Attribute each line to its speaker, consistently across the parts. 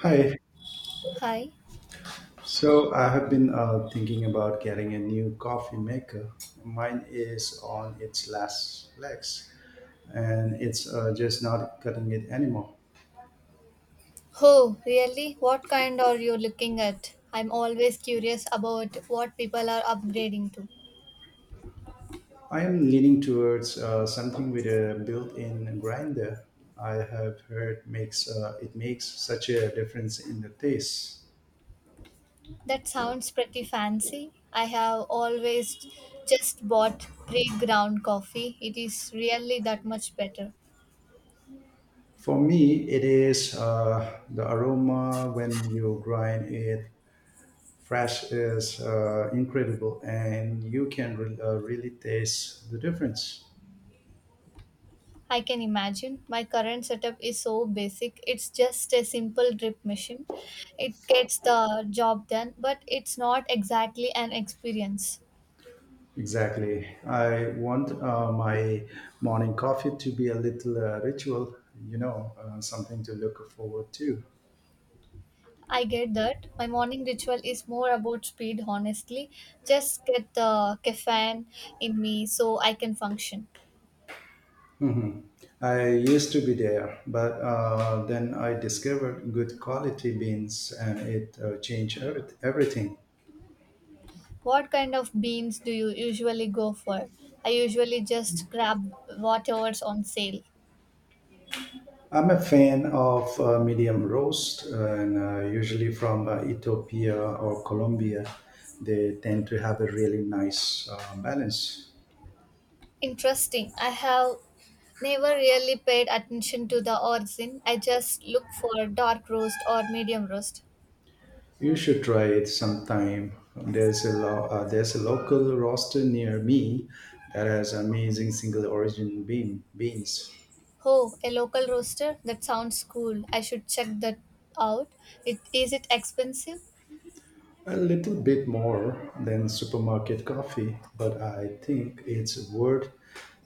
Speaker 1: Hi.
Speaker 2: Hi.
Speaker 1: So I have been thinking about getting a new coffee maker. Mine is on its last legs, and it's just not cutting it anymore.
Speaker 2: Oh, really? What kind are you looking at? I'm always curious about what people are upgrading to.
Speaker 1: I am leaning towards something with a built-in grinder. I have heard makes it makes such a difference in the taste.
Speaker 2: That sounds pretty fancy. I have always just bought pre ground coffee. It is really that much better.
Speaker 1: For me, it is the aroma when you grind it fresh is incredible, and you can really taste the difference.
Speaker 2: I can imagine. My current setup is so basic. It's just a simple drip machine. It gets the job done, but it's not exactly an experience.
Speaker 1: Exactly. I want my morning coffee to be a little ritual, something to look forward to.
Speaker 2: I get that. My morning ritual is more about speed, honestly. Just get the caffeine in me so I can function.
Speaker 1: I used to be there, but then I discovered good quality beans, and it changed everything.
Speaker 2: What kind of beans do you usually go for? I usually just grab whatever's on sale.
Speaker 1: I'm a fan of medium roast, and usually from Ethiopia or Colombia. They tend to have a really nice balance.
Speaker 2: Interesting. I have never really paid attention to the origin. I just look for dark roast or medium roast.
Speaker 1: You should try it sometime. There's a local roaster near me that has amazing single origin beans.
Speaker 2: Oh, a local roaster? That sounds cool. I should check that out. It is it expensive?
Speaker 1: A little bit more than supermarket coffee, but I think it's worth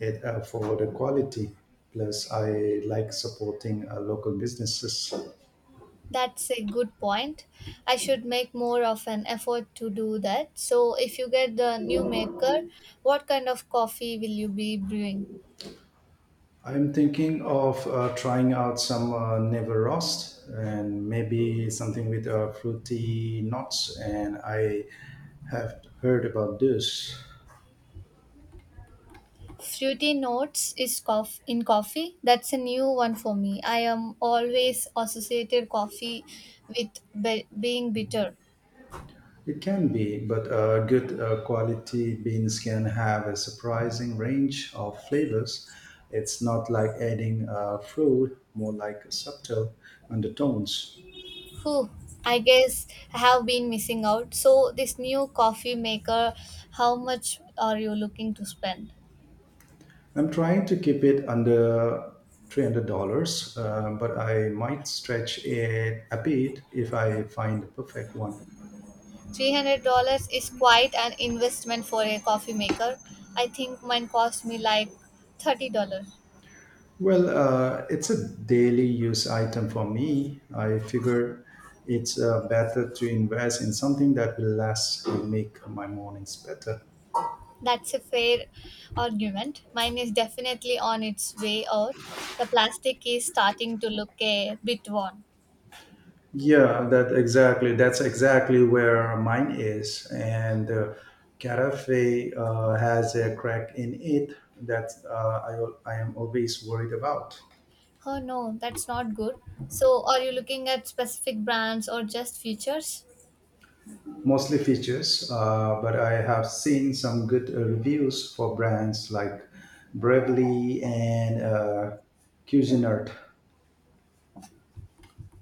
Speaker 1: it for the quality. Plus, I like supporting local businesses.
Speaker 2: That's a good point. I should make more of an effort to do that. So, if you get the new maker, what kind of coffee will you be brewing?
Speaker 1: I'm thinking of trying out some never roast and maybe something with fruity nuts. And I have heard about this.
Speaker 2: Fruity notes is in coffee. That's a new one for me. I am always associated coffee with being bitter.
Speaker 1: It can be, but good quality beans can have a surprising range of flavors. It's not like adding fruit, more like subtle undertones.
Speaker 2: Whew, I guess I have been missing out. So, this new coffee maker, how much are you looking to spend?
Speaker 1: I'm trying to keep it under $300, but I might stretch it a bit if I find the perfect one.
Speaker 2: $300 is quite an investment for a coffee maker. I think mine cost me like $30.
Speaker 1: Well, it's a daily use item for me. I figure it's better to invest in something that will last and make my mornings better.
Speaker 2: That's a fair argument. Mine is definitely on its way out. The plastic is starting to look a bit worn.
Speaker 1: Yeah, that exactly. That's exactly where mine is. And carafe has a crack in it that I am always worried about.
Speaker 2: Oh no, that's not good. So, are you looking at specific brands or just features?
Speaker 1: Mostly features, but I have seen some good reviews for brands like Bravely and Cuisinart.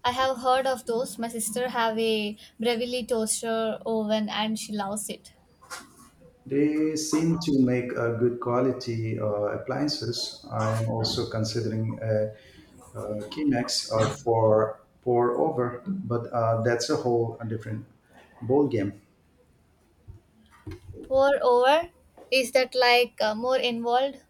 Speaker 2: I have heard of those. My sister have a Breville toaster oven and she loves it.
Speaker 1: They seem to make good quality appliances. I am also considering a Kinex for pour over, but that's a whole different ball game.
Speaker 2: Pour over? Is that like more involved?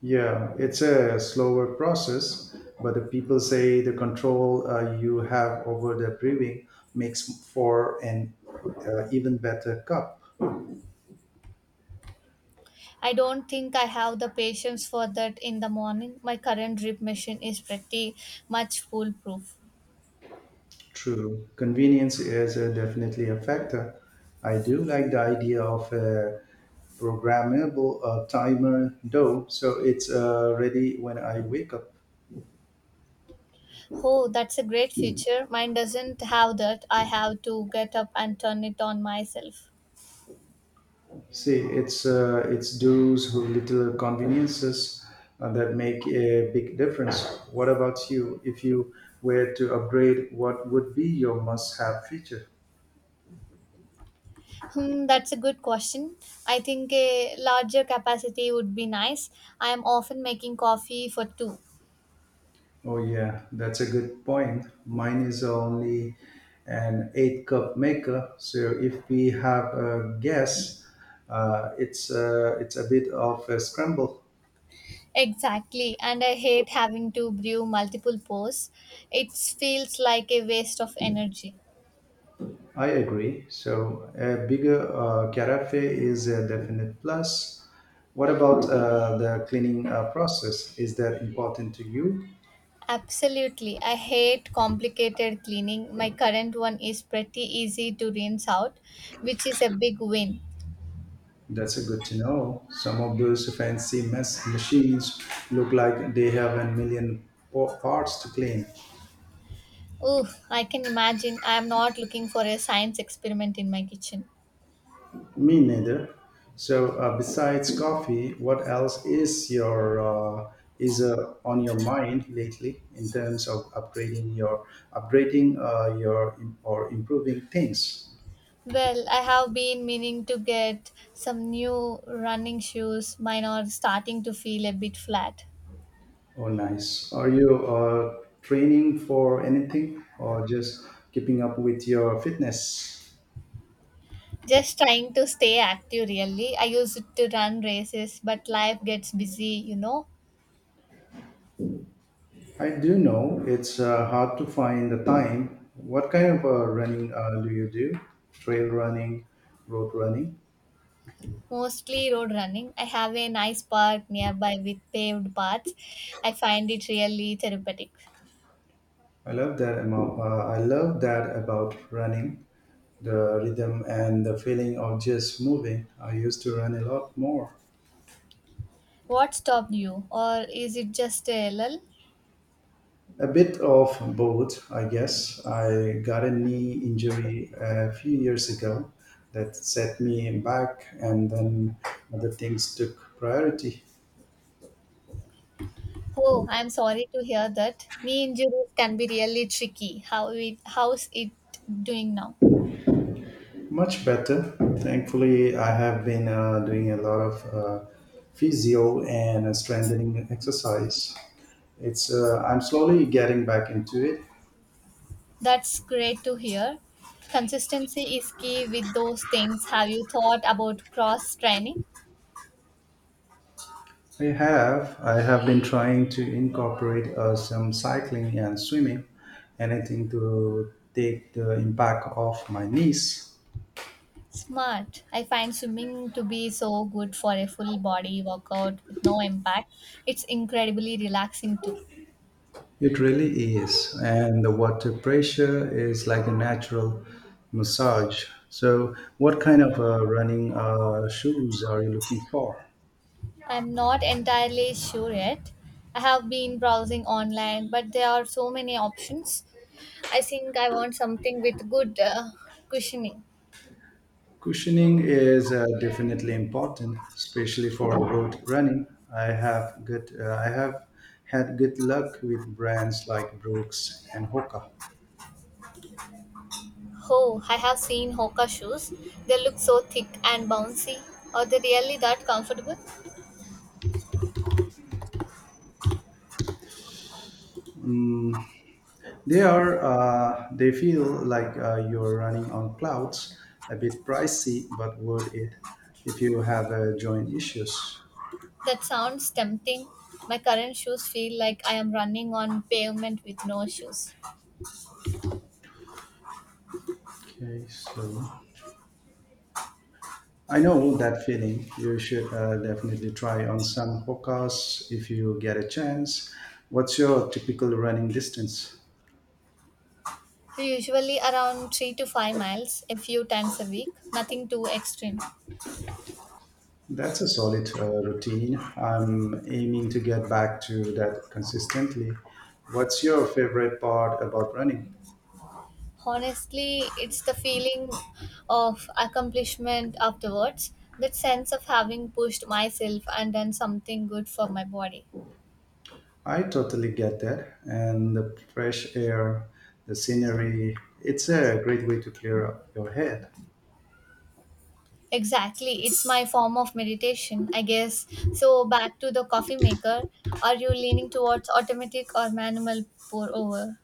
Speaker 1: Yeah, it's a slower process, but the people say the control you have over the brewing makes for an even better cup.
Speaker 2: I don't think I have the patience for that in the morning. My current drip machine is pretty much foolproof.
Speaker 1: True, convenience is definitely a factor. I do like the idea of a programmable timer, though, so it's ready when I wake up.
Speaker 2: Oh, that's a great feature. Mine doesn't have that. I have to get up and turn it on myself.
Speaker 1: See, it's those who little conveniences that make a big difference. What about you? If you were to upgrade, what would be your must-have feature?
Speaker 2: Hmm, that's a good question. I think a larger capacity would be nice. I am often making coffee for two.
Speaker 1: Oh yeah, that's a good point. Mine is only an eight cup maker, so if we have a guess, it's a bit of a scramble.
Speaker 2: Exactly, and I hate having to brew multiple pours. It feels like a waste of energy.
Speaker 1: I agree. So a bigger carafe is a definite plus. What about the cleaning process? Is that important to you?
Speaker 2: Absolutely. I hate complicated cleaning. My current one is pretty easy to rinse out, which is a big win.
Speaker 1: That's a good to know. Some of those fancy mess machines look like they have a million parts to clean.
Speaker 2: Ooh, I can imagine I am not looking for a science experiment in my kitchen.
Speaker 1: Me neither. So, besides coffee, what else is your is on your mind lately in terms of upgrading your or improving things?
Speaker 2: Well, I have been meaning to get some new running shoes. Mine are starting to feel a bit flat.
Speaker 1: Oh, nice. Are you training for anything or just keeping up with your fitness?
Speaker 2: Just trying to stay active, really. I used to run races, but life gets busy, you know.
Speaker 1: I do know it's hard to find the time. What kind of running do you do? Trail running, road running?
Speaker 2: Mostly road running. I have a nice park nearby with paved paths. I find it really therapeutic.
Speaker 1: I love that amount. I love that about running, the rhythm and the feeling of just moving. I used to run a lot more.
Speaker 2: What stopped you, or is it just a lull?
Speaker 1: A bit of both, I guess. I got a knee injury a few years ago that set me back, and then other things took priority.
Speaker 2: Oh, I'm sorry to hear that. Knee injuries can be really tricky. How's it doing now?
Speaker 1: Much better. Thankfully, I have been doing a lot of physio and strengthening exercise. It's I'm slowly getting back into it.
Speaker 2: That's great to hear. Consistency is key with those things. Have you thought about cross training?
Speaker 1: I have. I have been trying to incorporate some cycling and swimming, anything to take the impact off my knees.
Speaker 2: Smart. I find swimming to be so good for a full body workout with no impact. It's incredibly relaxing too.
Speaker 1: It really is. And the water pressure is like a natural massage. So, what kind of running shoes are you looking for?
Speaker 2: I'm not entirely sure yet. I have been browsing online, but there are so many options. I think I want something with good cushioning.
Speaker 1: Cushioning is definitely important, especially for road running. I have had good luck with brands like Brooks and Hoka.
Speaker 2: Oh, I have seen Hoka shoes. They look so thick and bouncy. Are they really that comfortable?
Speaker 1: Mm, they feel like you're running on clouds. A bit pricey, but worth it if you have joint issues.
Speaker 2: That sounds tempting. My current shoes feel like I am running on pavement with no shoes.
Speaker 1: Okay, so. I know that feeling. You should definitely try on some hokas if you get a chance. What's your typical running distance?
Speaker 2: So, usually around 3 to 5 miles, a few times a week, nothing too extreme.
Speaker 1: That's a solid routine. I'm aiming to get back to that consistently. What's your favorite part about running?
Speaker 2: Honestly, it's the feeling of accomplishment afterwards, that sense of having pushed myself and done something good for my body.
Speaker 1: I totally get that. And the fresh air, the scenery, it's a great way to clear up your head.
Speaker 2: Exactly, it's my form of meditation, I guess. So, back to the coffee maker, are you leaning towards automatic or manual pour over?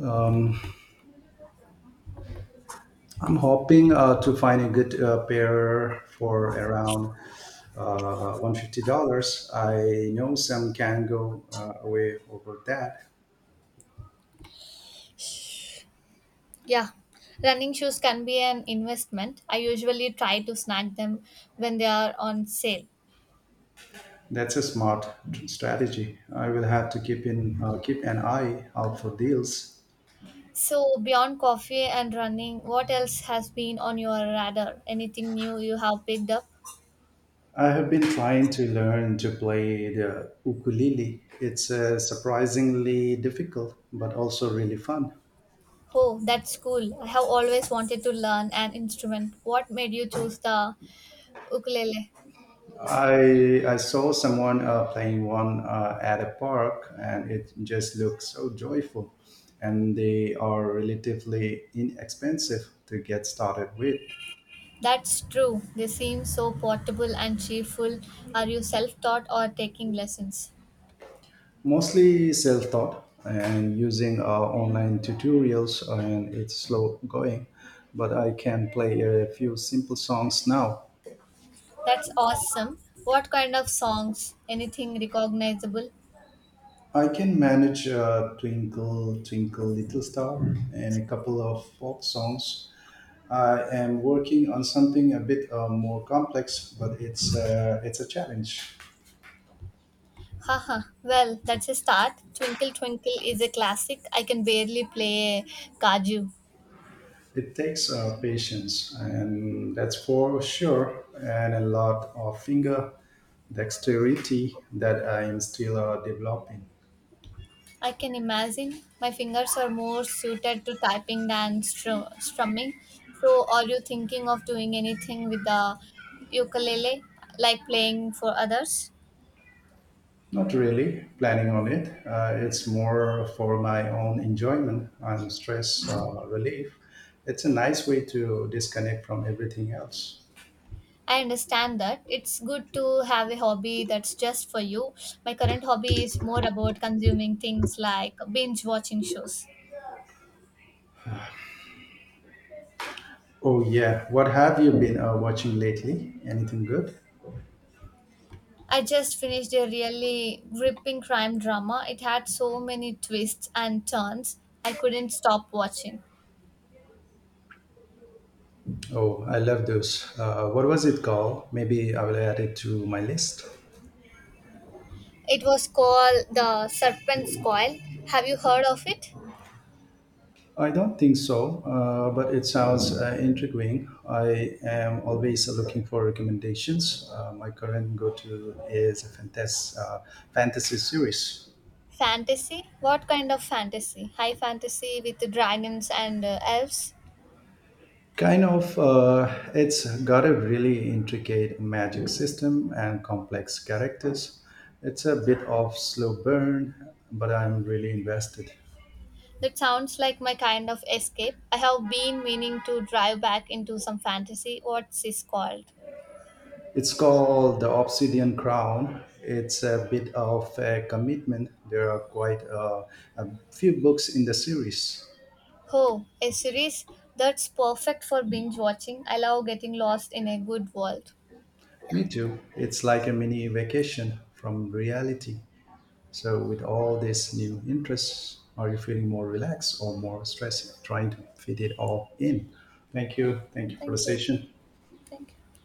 Speaker 1: Um, I'm hoping to find a good pair for around $150. I know some can go away over that.
Speaker 2: Yeah, running shoes can be an investment. I usually try to snag them when they are on sale.
Speaker 1: That's a smart strategy. I will have to keep an eye out for deals.
Speaker 2: So, beyond coffee and running, what else has been on your radar? Anything new you have picked up?
Speaker 1: I have been trying to learn to play the ukulele. It's surprisingly difficult, but also really fun.
Speaker 2: Oh, that's cool. I have always wanted to learn an instrument. What made you choose the ukulele?
Speaker 1: I saw someone playing one at a park, and it just looks so joyful. And they are relatively inexpensive to get started with.
Speaker 2: That's true. They seem so portable and cheerful. Are you self taught or taking lessons?
Speaker 1: Mostly self-taught and using online tutorials, and it's slow going. But I can play a few simple songs now.
Speaker 2: That's awesome. What kind of songs? Anything recognizable?
Speaker 1: I can manage "Twinkle Twinkle Little Star" and a couple of folk songs. I am working on something a bit more complex, but it's a challenge.
Speaker 2: Haha, well, that's a start. Twinkle Twinkle is a classic. I can barely play Kaju.
Speaker 1: It takes patience, and that's for sure, and a lot of finger dexterity that I am still developing.
Speaker 2: I can imagine my fingers are more suited to typing than strumming. So, are you thinking of doing anything with the ukulele, like playing for others?
Speaker 1: Not really planning on it. It's more for my own enjoyment and stress relief. It's a nice way to disconnect from everything else.
Speaker 2: I understand that it's good to have a hobby that's just for you. My current hobby is more about consuming things like binge watching shows.
Speaker 1: Oh yeah, what have you been watching lately? Anything good?
Speaker 2: I just finished a really gripping crime drama. It had so many twists and turns. I couldn't stop watching.
Speaker 1: Oh, I love those. What was it called? Maybe I will add it to my list.
Speaker 2: It was called The Serpent's Coil. Have you heard of it?
Speaker 1: I don't think so, but it sounds intriguing. I am always looking for recommendations. My current go to is a fantasy series.
Speaker 2: Fantasy? What kind of fantasy? High fantasy with dragons and elves?
Speaker 1: Kind of, it's got a really intricate magic system and complex characters. It's a bit of slow burn, but I'm really invested.
Speaker 2: That sounds like my kind of escape. I have been meaning to drive back into some fantasy. What's this called?
Speaker 1: It's called The Obsidian Crown. It's a bit of a commitment. There are a few books in the series.
Speaker 2: Oh, a series that's perfect for binge watching. I love getting lost in a good world. Yeah,
Speaker 1: Me too. It's like a mini vacation from reality. So, with all these new interests, are you feeling more relaxed or more stressed trying to fit it all in? Thank you. Thank you for the
Speaker 2: thank you.
Speaker 1: session.
Speaker 2: Thank you.